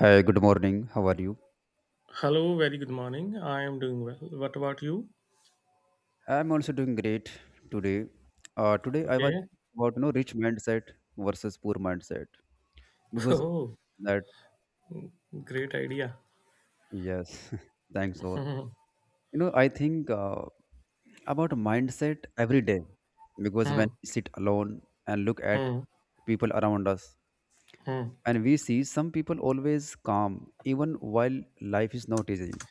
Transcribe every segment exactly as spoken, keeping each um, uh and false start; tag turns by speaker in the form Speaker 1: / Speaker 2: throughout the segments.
Speaker 1: Hi, good morning. How are you?
Speaker 2: Hello, very good morning. I am doing well. What about you?
Speaker 1: I'm also doing great today. Uh, today I was
Speaker 2: Okay.
Speaker 1: about you know rich mindset versus poor mindset because
Speaker 2: Oh,
Speaker 1: that.
Speaker 2: great idea.
Speaker 1: Yes, thanks for. you know I think uh, about mindset every day, because when
Speaker 2: Hmm.
Speaker 1: we sit alone and look at
Speaker 2: Hmm.
Speaker 1: people around us
Speaker 2: Hmm.
Speaker 1: and we see some people always calm even while life is not easy,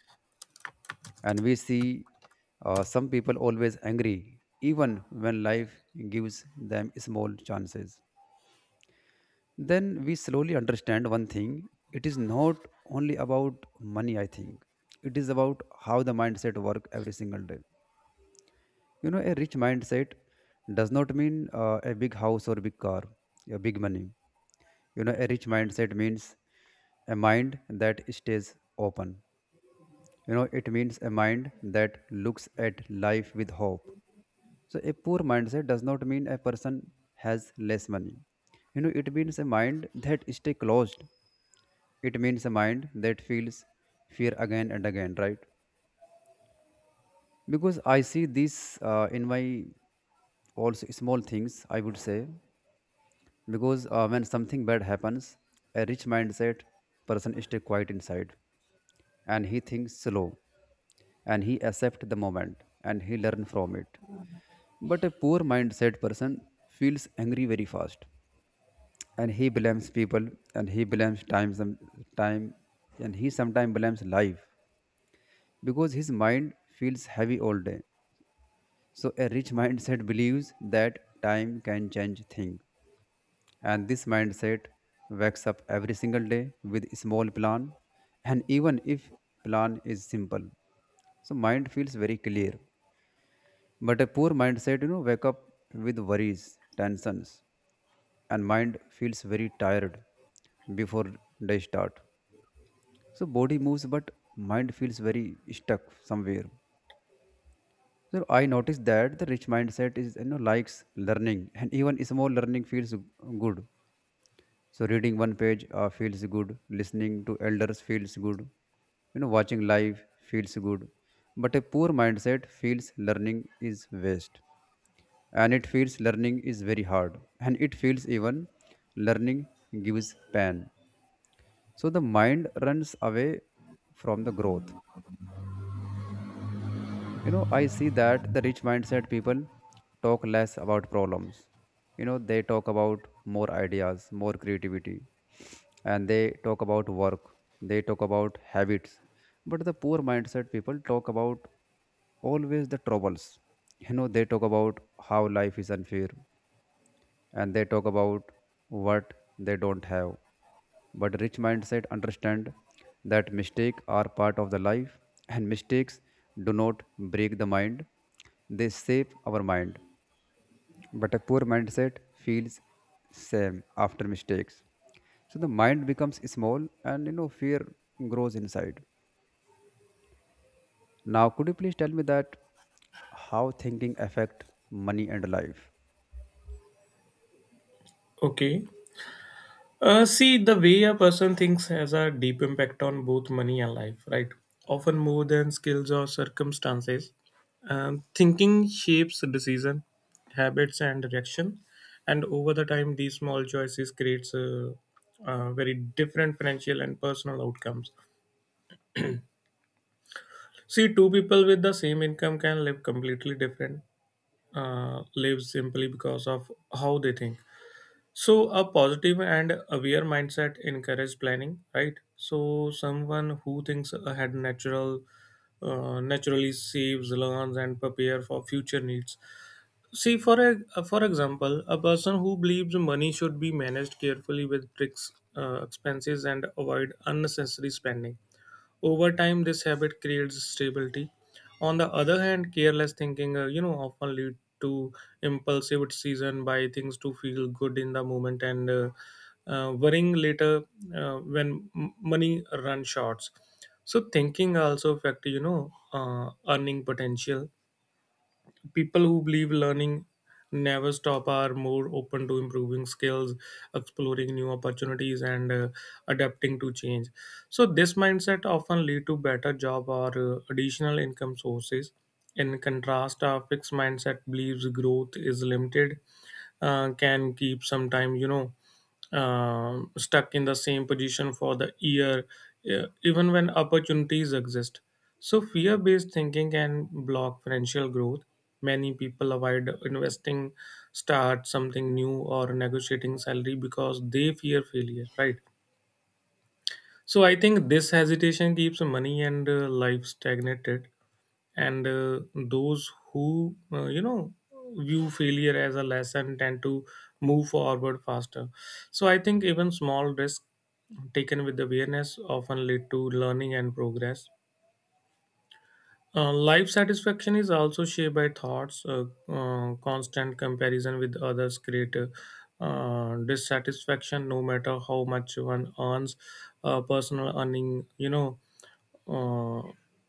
Speaker 1: and we see uh, some people always angry even when life gives them small chances. Then we slowly understand one thing: it is not only about money, I think. It is about how the mindset work every single day. You know a rich mindset does not mean uh, a big house or big car, a big money. You know a rich mindset means a mind that stays open. You know it means a mind that looks at life with hope. So a poor mindset does not mean a person has less money. You know, it means a mind that stay closed. It means a mind that feels fear again and again, right? Because I see this uh, in my also small things, I would say. Because uh, when something bad happens, a rich mindset person stay quiet inside and he thinks slow and he accept the moment and he learn from it. But a poor mindset person feels angry very fast and he blames people and he blames time some time and he sometimes blames life because his mind feels heavy all day. So a rich mindset believes that time can change things, and this mindset wakes up every single day with a small plan, and even if plan is simple, so mind feels very clear. But a poor mindset you know wake up with worries tensions, and mind feels very tired before they start. So body moves, but mind feels very stuck somewhere. So I noticed that the rich mindset is you know likes learning, and even small learning feels good. So reading one page uh, feels good, listening to elders feels good, you know watching live feels good. But a poor mindset feels learning is waste, and it feels learning is very hard, and it feels even learning gives pain. So the mind runs away from the growth. You know, I see that the rich mindset people talk less about problems. You know, they talk about more ideas, more creativity, and they talk about work, they talk about habits. But the poor mindset people talk about always the troubles. You know, they talk about how life is unfair, and they talk about what they don't have. But rich mindset understand that mistakes are part of the life, and mistakes do not break the mind, they shape our mind. But a poor mindset feels same after mistakes, so the mind becomes small, and you know fear grows inside. Now could you please tell me that how thinking affect money and life?
Speaker 2: Okay. Uh, see, the way a person thinks has a deep impact on both money and life, right? Often more than skills or circumstances. Um, thinking shapes decision, habits, and direction, and over the time, these small choices creates uh, uh, very different financial and personal outcomes. See, two people with the same income can live completely different uh, lives simply because of how they think. So, a positive and aware mindset encourages planning, right? So, someone who thinks ahead natural, uh, naturally saves, learns, and prepare for future needs. See, for a, for example, a person who believes money should be managed carefully with tricks, uh, expenses, and avoid unnecessary spending over time, this habit creates stability. On the other hand, careless thinking, uh, you know, often lead to impulsive decision by things to feel good in the moment and uh, uh, worrying later uh, when m- money run short. So thinking also affect you know uh, earning potential. People who believe learning never stop are more open to improving skills, exploring new opportunities, and uh, adapting to change. So this mindset often lead to better job or uh, additional income sources. In contrast, a fixed mindset believes growth is limited, uh, can keep sometime you know um stuck in the same position for the year, uh, even when opportunities exist. So, fear based thinking can block financial growth. Many people avoid investing, start something new, or negotiating salary because they fear failure, right? So, I think this hesitation keeps money and uh, life stagnated. And uh, those who, uh, you know, view failure as a lesson tend to move forward faster. So, I think even small risks taken with awareness often lead to learning and progress. Uh, life satisfaction is also shaped by thoughts. Uh, uh, constant comparison with others create uh, uh, dissatisfaction, no matter how much one earns. Uh, personal earning, you know, uh,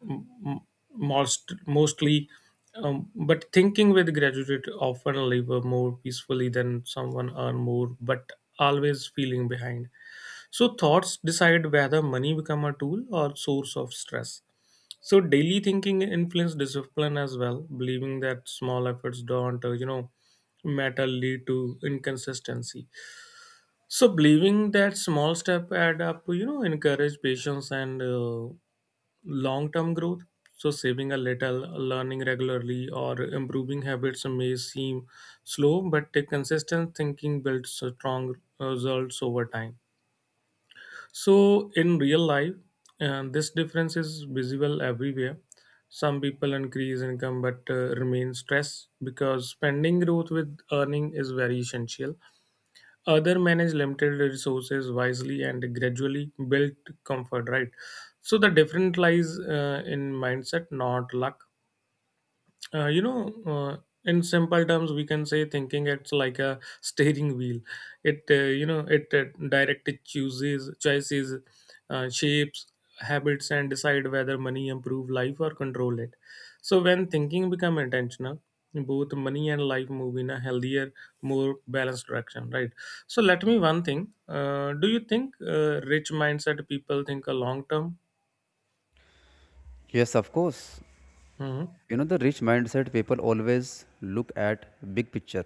Speaker 2: m- m- most mostly. Um, but thinking with graduate often live more peacefully than someone earn more, but always feeling behind. So thoughts decide whether money become a tool or source of stress. So daily thinking influence discipline as well, believing that small efforts don't, uh, you know, matter lead to inconsistency. So believing that small step add up, you know, encourage patience and uh, long-term growth. So saving a little, learning regularly, or improving habits may seem slow, but the consistent thinking builds a strong results over time. So, in real life, and this difference is visible everywhere. Some people increase income but uh, remain stressed because spending growth with earning is very essential. Other manage limited resources wisely and gradually build comfort, right? So, the difference lies uh, in mindset, not luck. Uh, you know, uh, in simple terms, we can say thinking it's like a steering wheel. It uh, you know it uh, directly chooses choices, uh, shapes, habits, and decide whether money improve life or control it. So when thinking become intentional, both money and life move in a healthier, more balanced direction. Right. So let me one thing. Uh, do you think uh, rich mindset people think a long term?
Speaker 1: Yes, of course.
Speaker 2: Hmm.
Speaker 1: you know the rich mindset people always look at big picture,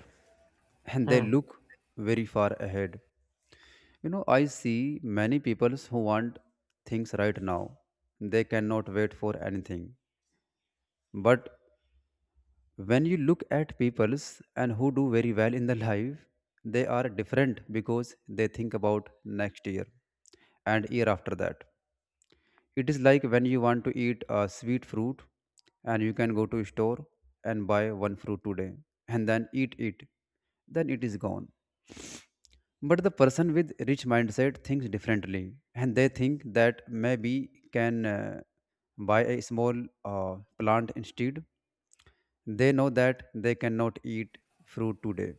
Speaker 1: and they
Speaker 2: Hmm.
Speaker 1: look very far ahead. you know I see many people who want things right now, they cannot wait for anything. But when you look at peoples and who do very well in the life, they are different because they think about next year and year after that. It is like when you want to eat a sweet fruit and you can go to store and buy one fruit today and then eat it. Then it is gone. But the person with rich mindset thinks differently, and they think that maybe can uh, buy a small uh, plant instead. They know that they cannot eat fruit today.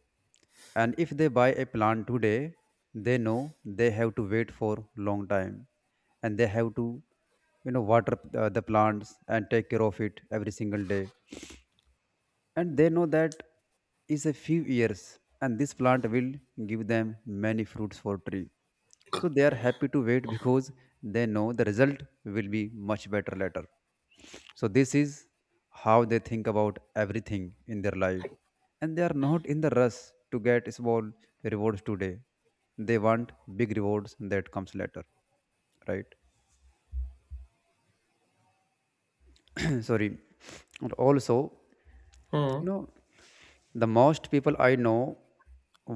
Speaker 1: And if they buy a plant today, they know they have to wait for long time, and they have to you know water uh, the plants and take care of it every single day. And they know that is a few years and this plant will give them many fruits for tree. So they are happy to wait because they know the result will be much better later. So this is how they think about everything in their life, and they are not in the rush to get small rewards today. They want big rewards that comes later, right? Sorry. And also, you
Speaker 2: Hmm.
Speaker 1: know the most people I know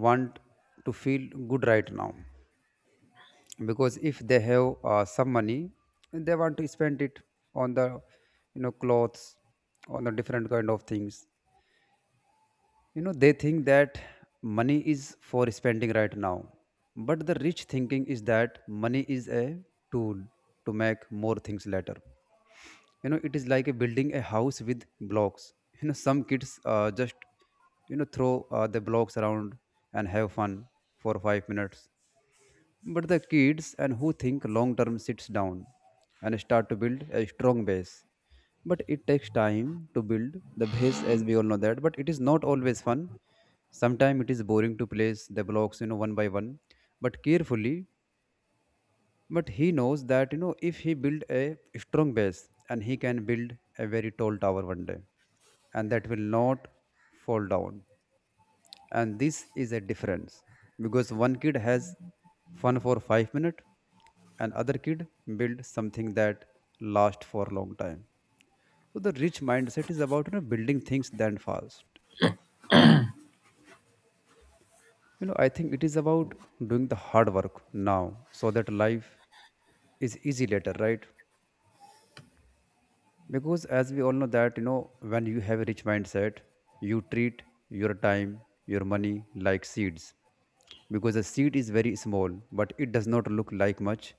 Speaker 1: want to feel good right now, because if they have uh, some money, they want to spend it on the you know clothes, on the different kind of things. You know they think that money is for spending right now, but the rich thinking is that money is a tool to make more things later. you know it is like a building a house with blocks. you know some kids uh, just you know throw uh, the blocks around and have fun for five minutes. But the kids and who think long term sits down and start to build a strong base. But it takes time to build the base, as we all know that, but it is not always fun. Sometimes it is boring to place the blocks, you know one by one, but carefully. But he knows that you know if he build a strong base, and he can build a very tall tower one day, and that will not fall down. And this is a difference because one kid has fun for five minutes, and other kid build something that last for a long time. So the rich mindset is about you know building things then fast. you know I think it is about doing the hard work now so that life is easy later, right? Because as we all know that, you know when you have a rich mindset you treat your time, your money like seeds, because a seed is very small but it does not look like much.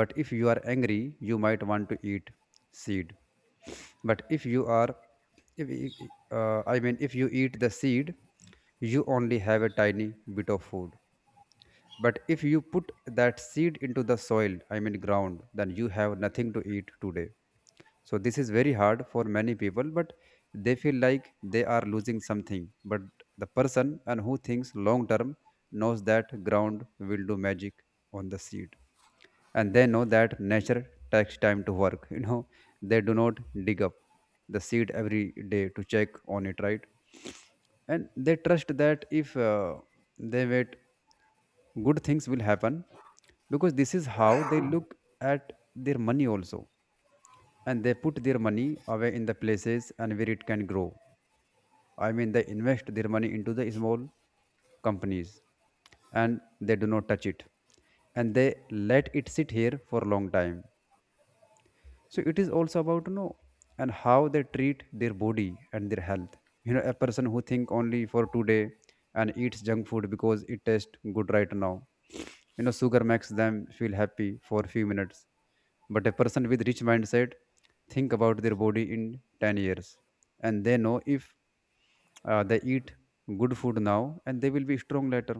Speaker 1: But if you are angry you might want to eat seed. But if you are if, uh, I mean if you eat the seed, you only have a tiny bit of food. But if you put that seed into the soil, I mean ground, then you have nothing to eat today. So this is very hard for many people, but they feel like they are losing something. But the person and who thinks long term knows that ground will do magic on the seed. And they know that nature takes time to work. You know, they do not dig up the seed every day to check on it, right? And they trust that if uh, they wait, good things will happen, because this is how they look at their money also, and they put their money away in the places and where it can grow. I mean, they invest their money into the small companies, and they do not touch it, and they let it sit here for a long time. So it is also about you know and how they treat their body and their health. You know, a person who think only for today and eats junk food because it tastes good right now. You know, sugar makes them feel happy for a few minutes. But a person with rich mindset think about their body in ten years, and they know if uh, they eat good food now, and they will be strong later.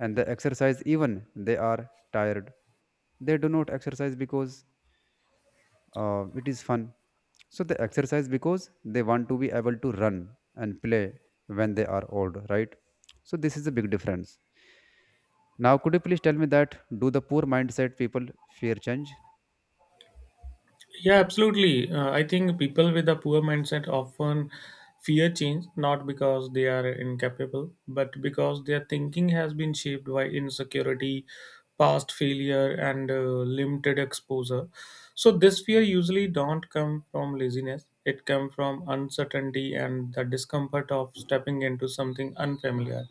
Speaker 1: And they exercise even they are tired. They do not exercise because uh, it is fun. So they exercise because they want to be able to run and play when they are old, right? So this is a big difference. Now could you please tell me that, do the poor mindset people fear change?
Speaker 2: Yeah, absolutely. Uh, I think people with a poor mindset often fear change not because they are incapable, but because their thinking has been shaped by insecurity, past failure, and uh, limited exposure. So this fear usually don't come from laziness. It comes from uncertainty and the discomfort of stepping into something unfamiliar.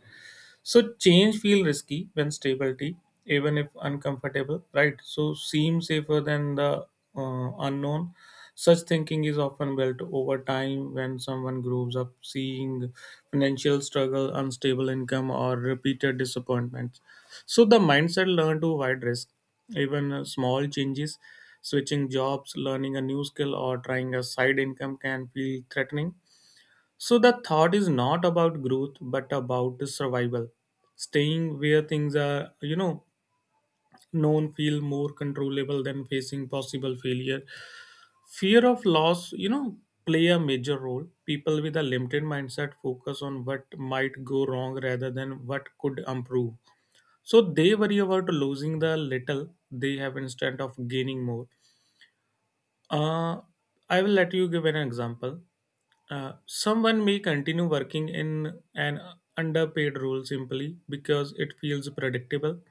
Speaker 2: So change feel risky when stability, even if uncomfortable, right? So seem safer than the uh, unknown. Such thinking is often built over time when someone grows up seeing financial struggle, unstable income, or repeated disappointments. So the mindset learn to avoid risk, even uh, small changes, switching jobs, learning a new skill, or trying a side income can feel threatening. So the thought is not about growth, but about the survival. Staying where things are, you know, known feel more controllable than facing possible failure. Fear of loss, you know, play a major role. People with a limited mindset focus on what might go wrong rather than what could improve. So they worry about losing the little they have instead of gaining more. Uh, I will let you give an example. Uh, someone may continue working in an underpaid role simply because it feels predictable,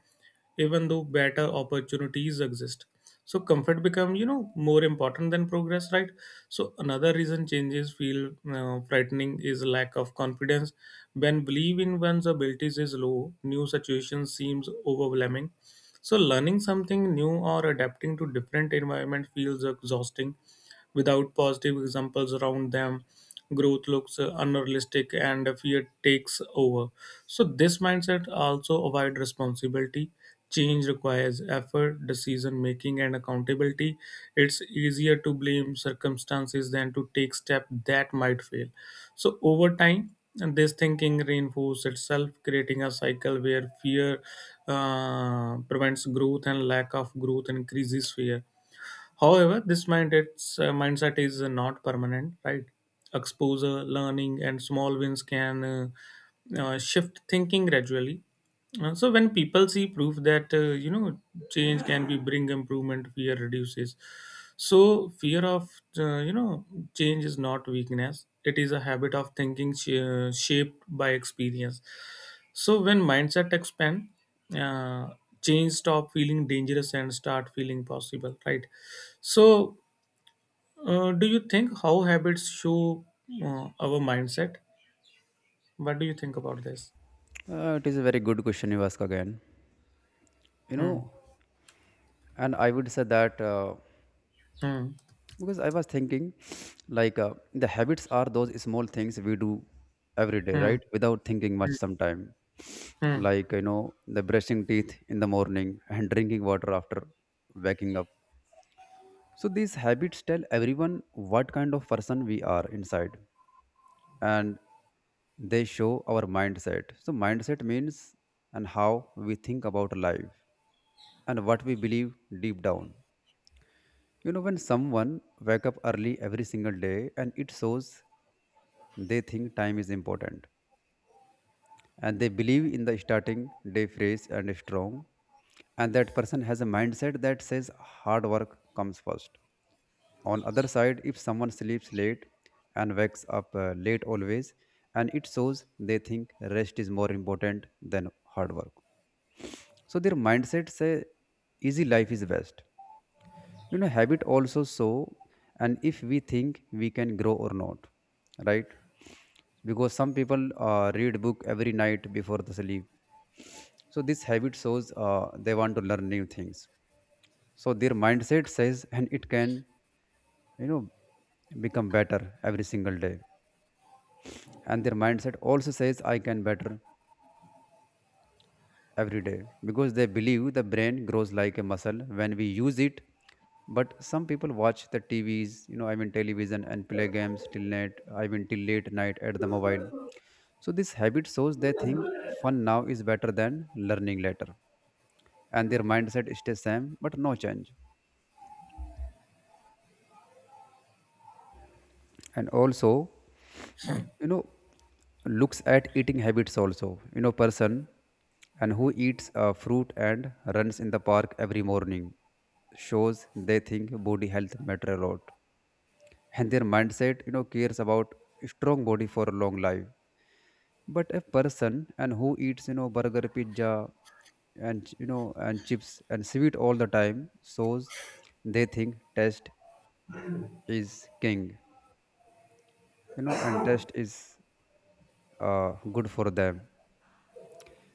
Speaker 2: even though better opportunities exist. So comfort become you know more important than progress, right? So another reason changes feel uh, frightening is lack of confidence. When belief in one's abilities is low, new situations seems overwhelming. So learning something new or adapting to different environment feels exhausting without positive examples around them. Growth looks uh, unrealistic and fear takes over. So this mindset also avoid responsibility. Change requires effort, decision making and accountability. It's easier to blame circumstances than to take step that might fail. So over time, and this thinking reinforces itself, creating a cycle where fear uh, prevents growth and lack of growth increases fear. However, this mind, it's, uh, mindset is uh, not permanent, right? Exposure, learning, and small wins can uh, uh, shift thinking gradually. Uh, so when people see proof that uh, you know change can be bring improvement, fear reduces. So fear of uh, you know change is not weakness. It is a habit of thinking sh- uh, shaped by experience. So when mindset expand, uh, change stop feeling dangerous and start feeling possible. Right. So uh, do you think how habits show uh, our mindset? What do you think about this?
Speaker 1: uh, it is a very good question you ask again. you
Speaker 2: Hmm.
Speaker 1: know and I would say that uh,
Speaker 2: Hmm.
Speaker 1: because I was thinking like uh, the habits are those small things we do every day,
Speaker 2: Hmm.
Speaker 1: right, without thinking
Speaker 2: Hmm.
Speaker 1: much sometime.
Speaker 2: Hmm.
Speaker 1: Like you know the brushing teeth in the morning and drinking water after waking up. So these habits tell everyone what kind of person we are inside. And they show our mindset. So mindset means and how we think about life and what we believe deep down. You know, when someone wake up early every single day, and it shows they think time is important, and they believe in the starting day fresh and strong. And that person has a mindset that says hard work comes first. On other side, if someone sleeps late and wakes up uh, late always, and it shows they think rest is more important than hard work. So their mindset say easy life is best, you know habit also. So, and if we think we can grow or not, right? Because some people uh, read book every night before the sleep, so this habit shows uh, they want to learn new things. So their mindset says and it can, you know become better every single day. And their mindset also says I can better every day because they believe the brain grows like a muscle when we use it. But some people watch the tvs, you know I mean television, and play games till night, I mean till late night at the mobile. So this habit shows they think fun now is better than learning later, and their mindset stays same but no change. And also, you know looks at eating habits also. You know person and who eats uh, fruit and runs in the park every morning shows they think body health matter a lot, and their mindset, you know cares about strong body for a long life. But a person and who eats, you know burger pizza and, you know and chips and sweet all the time shows they think taste is king. You know and taste is uh, good for them,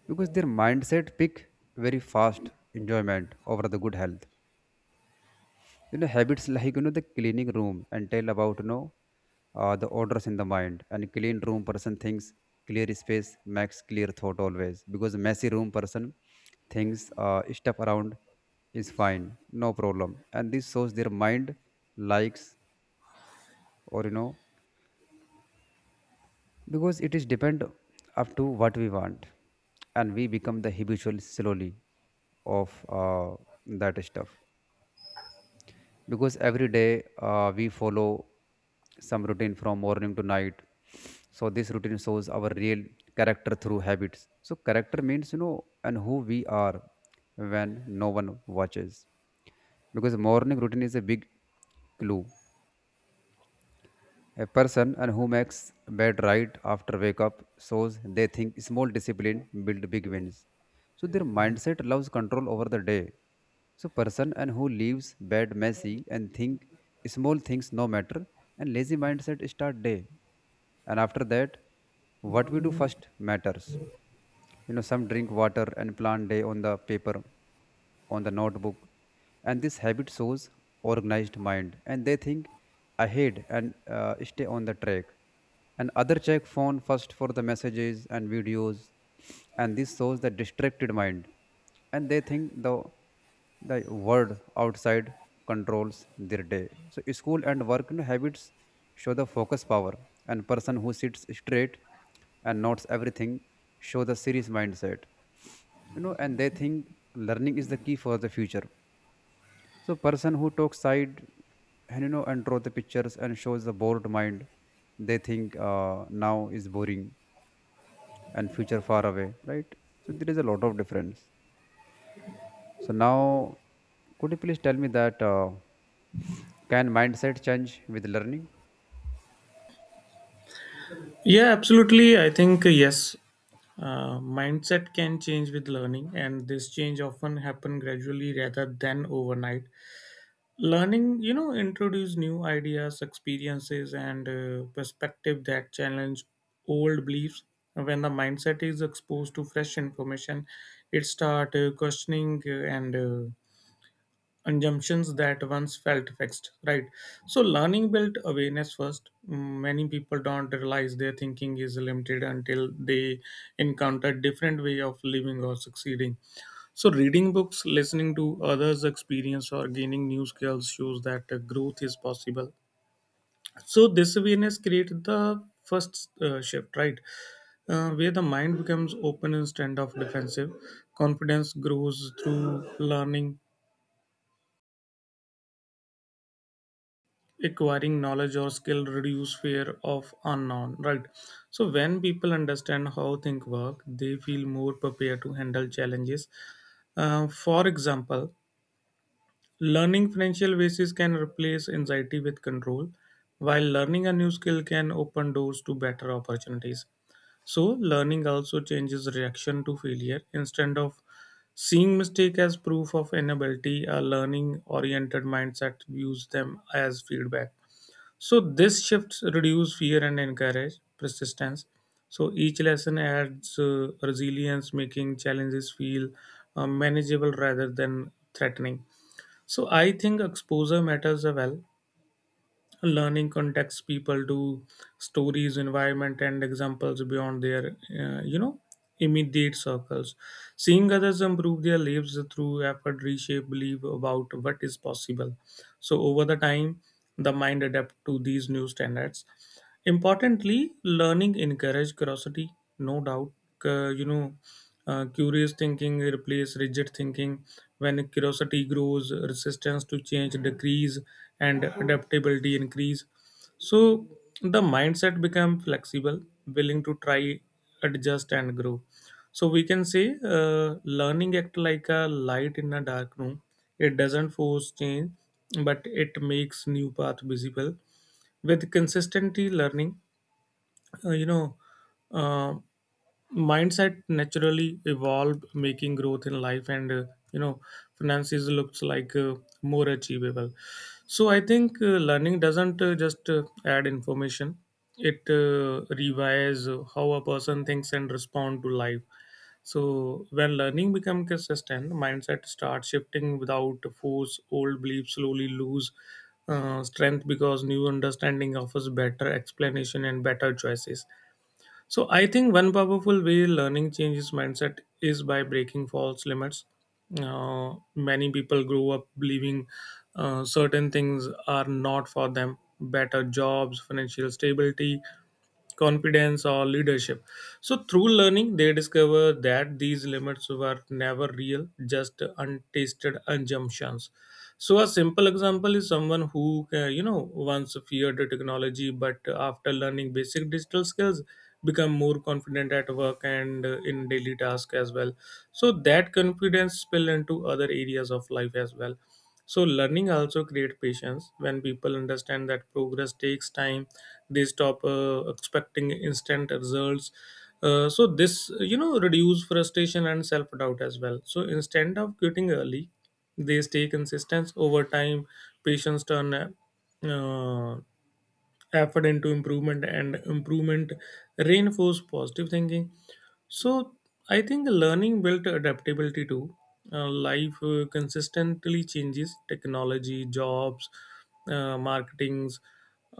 Speaker 1: because their mindset pick very fast enjoyment over the good health. You know habits like, you know the cleaning room and tell about, you know uh, the orders in the mind. And clean room person thinks clear space makes clear thought always, because messy room person thinks uh, stuff around is fine, no problem, and this shows their mind likes or, you know because it is depend up to what we want, and we become the habitual slowly of uh, that stuff. Because every day uh, we follow some routine from morning to night, so this routine shows our real character through habits. So character means, you know and who we are when no one watches, because morning routine is a big clue. A person and who makes bed right after wake up shows they think small discipline build big wins. So their mindset loves control over the day. So person and who leaves bed messy and think small things no matter, and lazy mindset start day. And after that, what we do first matters. You know some drink water and plan day on the paper, on the notebook, and this habit shows organized mind, and they think ahead and uh, stay on the track. And other check phone first for the messages and videos, and this shows the distracted mind, and they think the the world outside controls their day. So school and work, you know, habits show the focus power, and person who sits straight and notes everything show the serious mindset. You know, and they think learning is the key for the future. So person who talks side and, you know and draw the pictures and shows the bored mind, they think uh, now is boring and future far away, right? So there is a lot of difference. So now, could you please tell me that uh, can mindset change with learning?
Speaker 2: Yeah, absolutely. I think uh, yes. Uh, mindset can change with learning, and this change often happen gradually rather than overnight. Learning, you know, introduce new ideas, experiences, and uh, perspective that challenge old beliefs. When the mindset is exposed to fresh information, it start uh, questioning uh, and uh, assumptions that once felt fixed right. So learning built awareness first. Mm, many people don't realize their thinking is limited until they encounter different way of living or succeeding. So reading books, listening to others experience, or gaining new skills shows that uh, growth is possible. So this awareness created the first uh, shift, right, uh, where the mind becomes open instead of defensive. Confidence grows through learning. Acquiring knowledge or skill reduce fear of unknown, right? So when people understand how things work, they feel more prepared to handle challenges. Uh, for example, learning financial basis can replace anxiety with control, while learning a new skill can open doors to better opportunities. So learning also changes reaction to failure. Instead of seeing mistake as proof of inability, a learning oriented mindset views them as feedback. So this shifts reduce fear and encourage persistence. So each lesson adds uh, resilience, making challenges feel uh, manageable rather than threatening. So I think exposure matters a well. Learning context people do stories, environment, and examples beyond their uh, you know immediate circles. Seeing others improve their lives through effort reshape belief about what is possible. So over the time, the mind adapt to these new standards. Importantly, learning encourages curiosity, no doubt. Uh, you know, uh, Curious thinking replaces rigid thinking. When curiosity grows, resistance to change decrease and adaptability increase. So the mindset become flexible, willing to try, adjust, and grow. So we can say uh, learning act like a light in a dark room. It doesn't force change, but it makes new path visible. With consistently learning, uh, you know uh, mindset naturally evolved making growth in life and uh, you know finances looks like uh, more achievable. So I think uh, learning doesn't uh, just uh, add information. It uh, revises uh, how a person thinks and respond to life. So when learning become consistent, mindset starts shifting without force. Old beliefs slowly lose uh, strength because new understanding offers better explanation and better choices. So I think one powerful way learning changes mindset is by breaking false limits. Uh, many people grow up believing uh, certain things are not for them: better jobs, financial stability, confidence, or leadership. So, through learning, they discover that these limits were never real, just untasted assumptions. So, a simple example is someone who, uh, you know, once feared technology, but after learning basic digital skills, become more confident at work and uh, in daily tasks as well. So that confidence spill into other areas of life as well. So learning also create patience. When people understand that progress takes time, they stop uh, expecting instant results. Uh, so this you know reduce frustration and self doubt as well. So instead of quitting early, they stay consistent over time. Patience turn uh, effort into improvement and improvement reinforce positive thinking. So I think learning built adaptability too. Uh, life uh, consistently changes technology jobs, uh, marketings,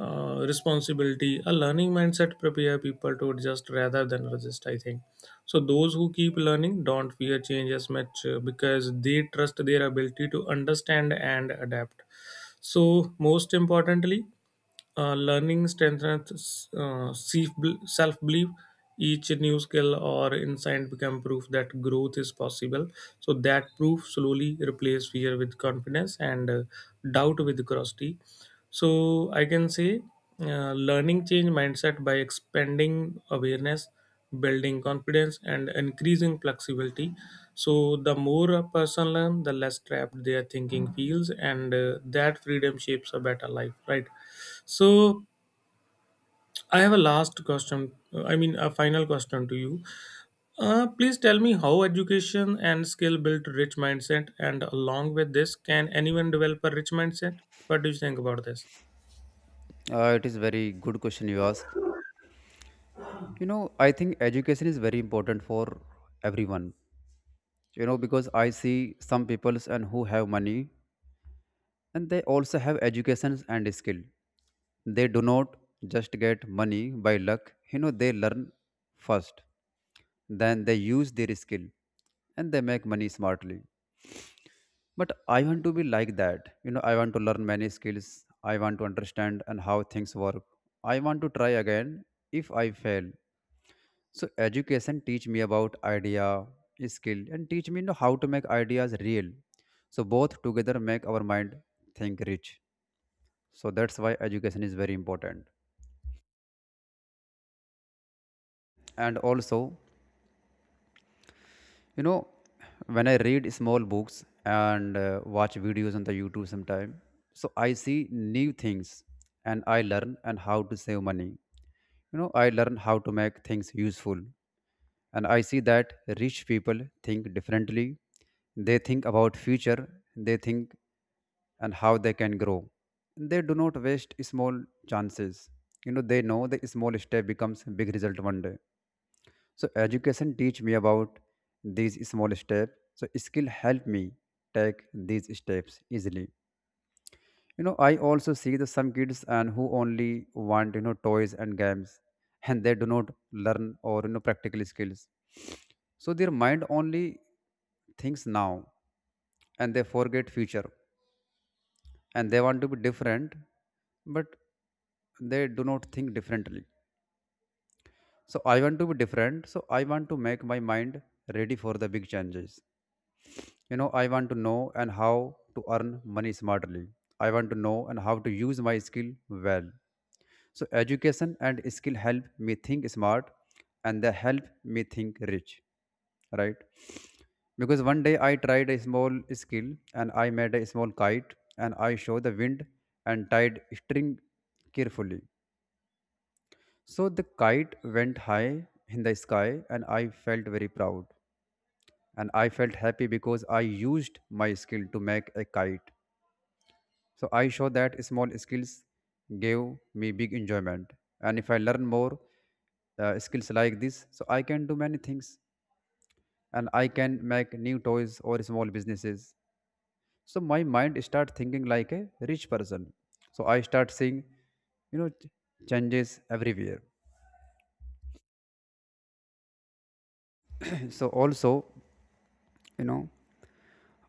Speaker 2: uh, responsibility. A learning mindset prepare people to adjust rather than resist, I think. So those who keep learning don't fear change as much, uh, because they trust their ability to understand and adapt. So most importantly, uh, learning strengthens uh, self belief. Each new skill or insight become proof that growth is possible. So that proof slowly replace fear with confidence and uh, doubt with curiosity. So I can say uh, learning change mindset by expanding awareness, building confidence, and increasing flexibility. So the more a person learn, the less trapped their thinking feels, and uh, that freedom shapes a better life. Right. So I have a last question. Uh, I mean, a final question to you. Uh, please tell me how education and skill build rich mindset, and along with this, can anyone develop a rich mindset? What do you think about this?
Speaker 1: Uh, it is very good question you ask. You know, I think education is very important for everyone. You know, because I see some peoples and who have money, and they also have educations and skill. They do not just get money by luck. You know, they learn first, then they use their skill and they make money smartly. But I want to be like that. You know, I want to learn many skills, I want to understand and how things work, I want to try again if I fail. So education teach me about idea, skill, and teach me, you know, how to make ideas real. So both together make our mind think rich. So that's why education is very important. And also, you know, when I read small books and uh, watch videos on the YouTube sometime, so I see new things and I learn and how to save money. You know, I learn how to make things useful. And I see that rich people think differently. They think about future, they think and how they can grow. They do not waste small chances. You know, they know the small step becomes big result one day. So education teach me about these small steps. So skill help me take these steps easily. You know, I also see the some kids and who only want, you know, toys and games, and they do not learn or, you know practical skills. So their mind only thinks now, and they forget future, and they want to be different, but they do not think differently. So I want to be different. So I want to make my mind ready for the big changes. you know I want to know and how to earn money smartly. I want to know and how to use my skill well. So education and skill help me think smart, and they help me think rich, right? Because one day I tried a small skill, and I made a small kite, and I showed the wind and tied string carefully, so the kite went high in the sky, and I felt very proud, and I felt happy because I used my skill to make a kite. So I show that small skills gave me big enjoyment. And if I learn more uh, skills like this, so I can do many things, and I can make new toys or small businesses. So my mind start thinking like a rich person. So I start seeing, you know, ch- changes everywhere. So also, you know,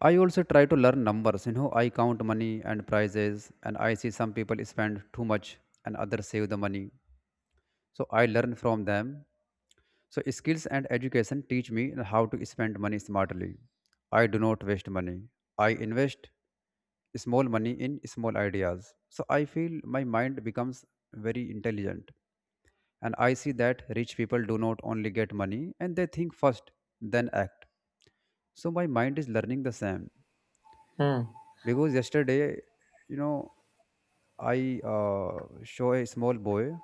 Speaker 1: I also try to learn numbers. You know, I count money and prizes, and I see some people spend too much and others save the money. So I learn from them. So skills and education teach me how to spend money smartly. I do not waste money. I invest small money in small ideas. So I feel my mind becomes very intelligent. And I see that rich people do not only get money, and they think first, then act. So my mind is learning the same.
Speaker 2: Hmm.
Speaker 1: Because yesterday, you know, I uh, show a small boy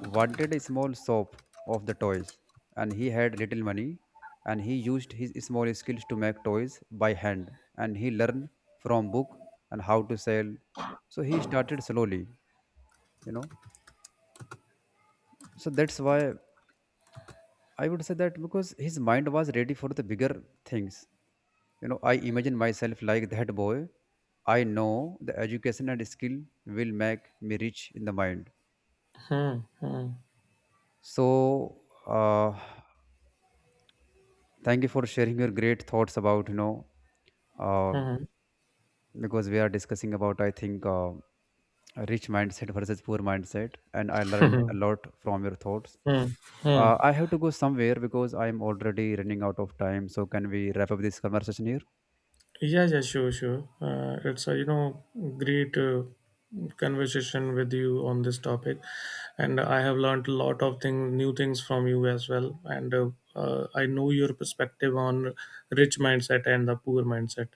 Speaker 1: wanted a small shop of the toys, and he had little money, and he used his small skills to make toys by hand, and he learned from book and how to sell, so he started slowly, you know. So that's why I would say that, because his mind was ready for the bigger things. You know, I imagine myself like that boy. I know the education and skill will make me rich in the mind.
Speaker 2: Hmm. Hmm.
Speaker 1: So uh, thank you for sharing your great thoughts about, you know uh,
Speaker 2: Hmm.
Speaker 1: because we are discussing about, I think, uh, rich mindset versus poor mindset, and I learned a
Speaker 2: Hmm.
Speaker 1: lot from your thoughts.
Speaker 2: Hmm. Hmm.
Speaker 1: uh, I have to go somewhere because I'm already running out of time, so can we wrap up this conversation here?
Speaker 2: Yeah, yeah, sure, sure. Uh, it's a you know great uh, conversation with you on this topic, and I have learned a lot of thing, new things from you as well. And uh, uh, I know your perspective on rich mindset and the poor mindset.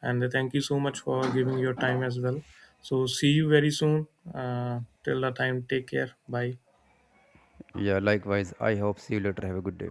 Speaker 2: And thank you so much for giving your time as well. So see you very soon. Uh, till the time, take care. Bye.
Speaker 1: Yeah, likewise, I hope see you later. Have a good day.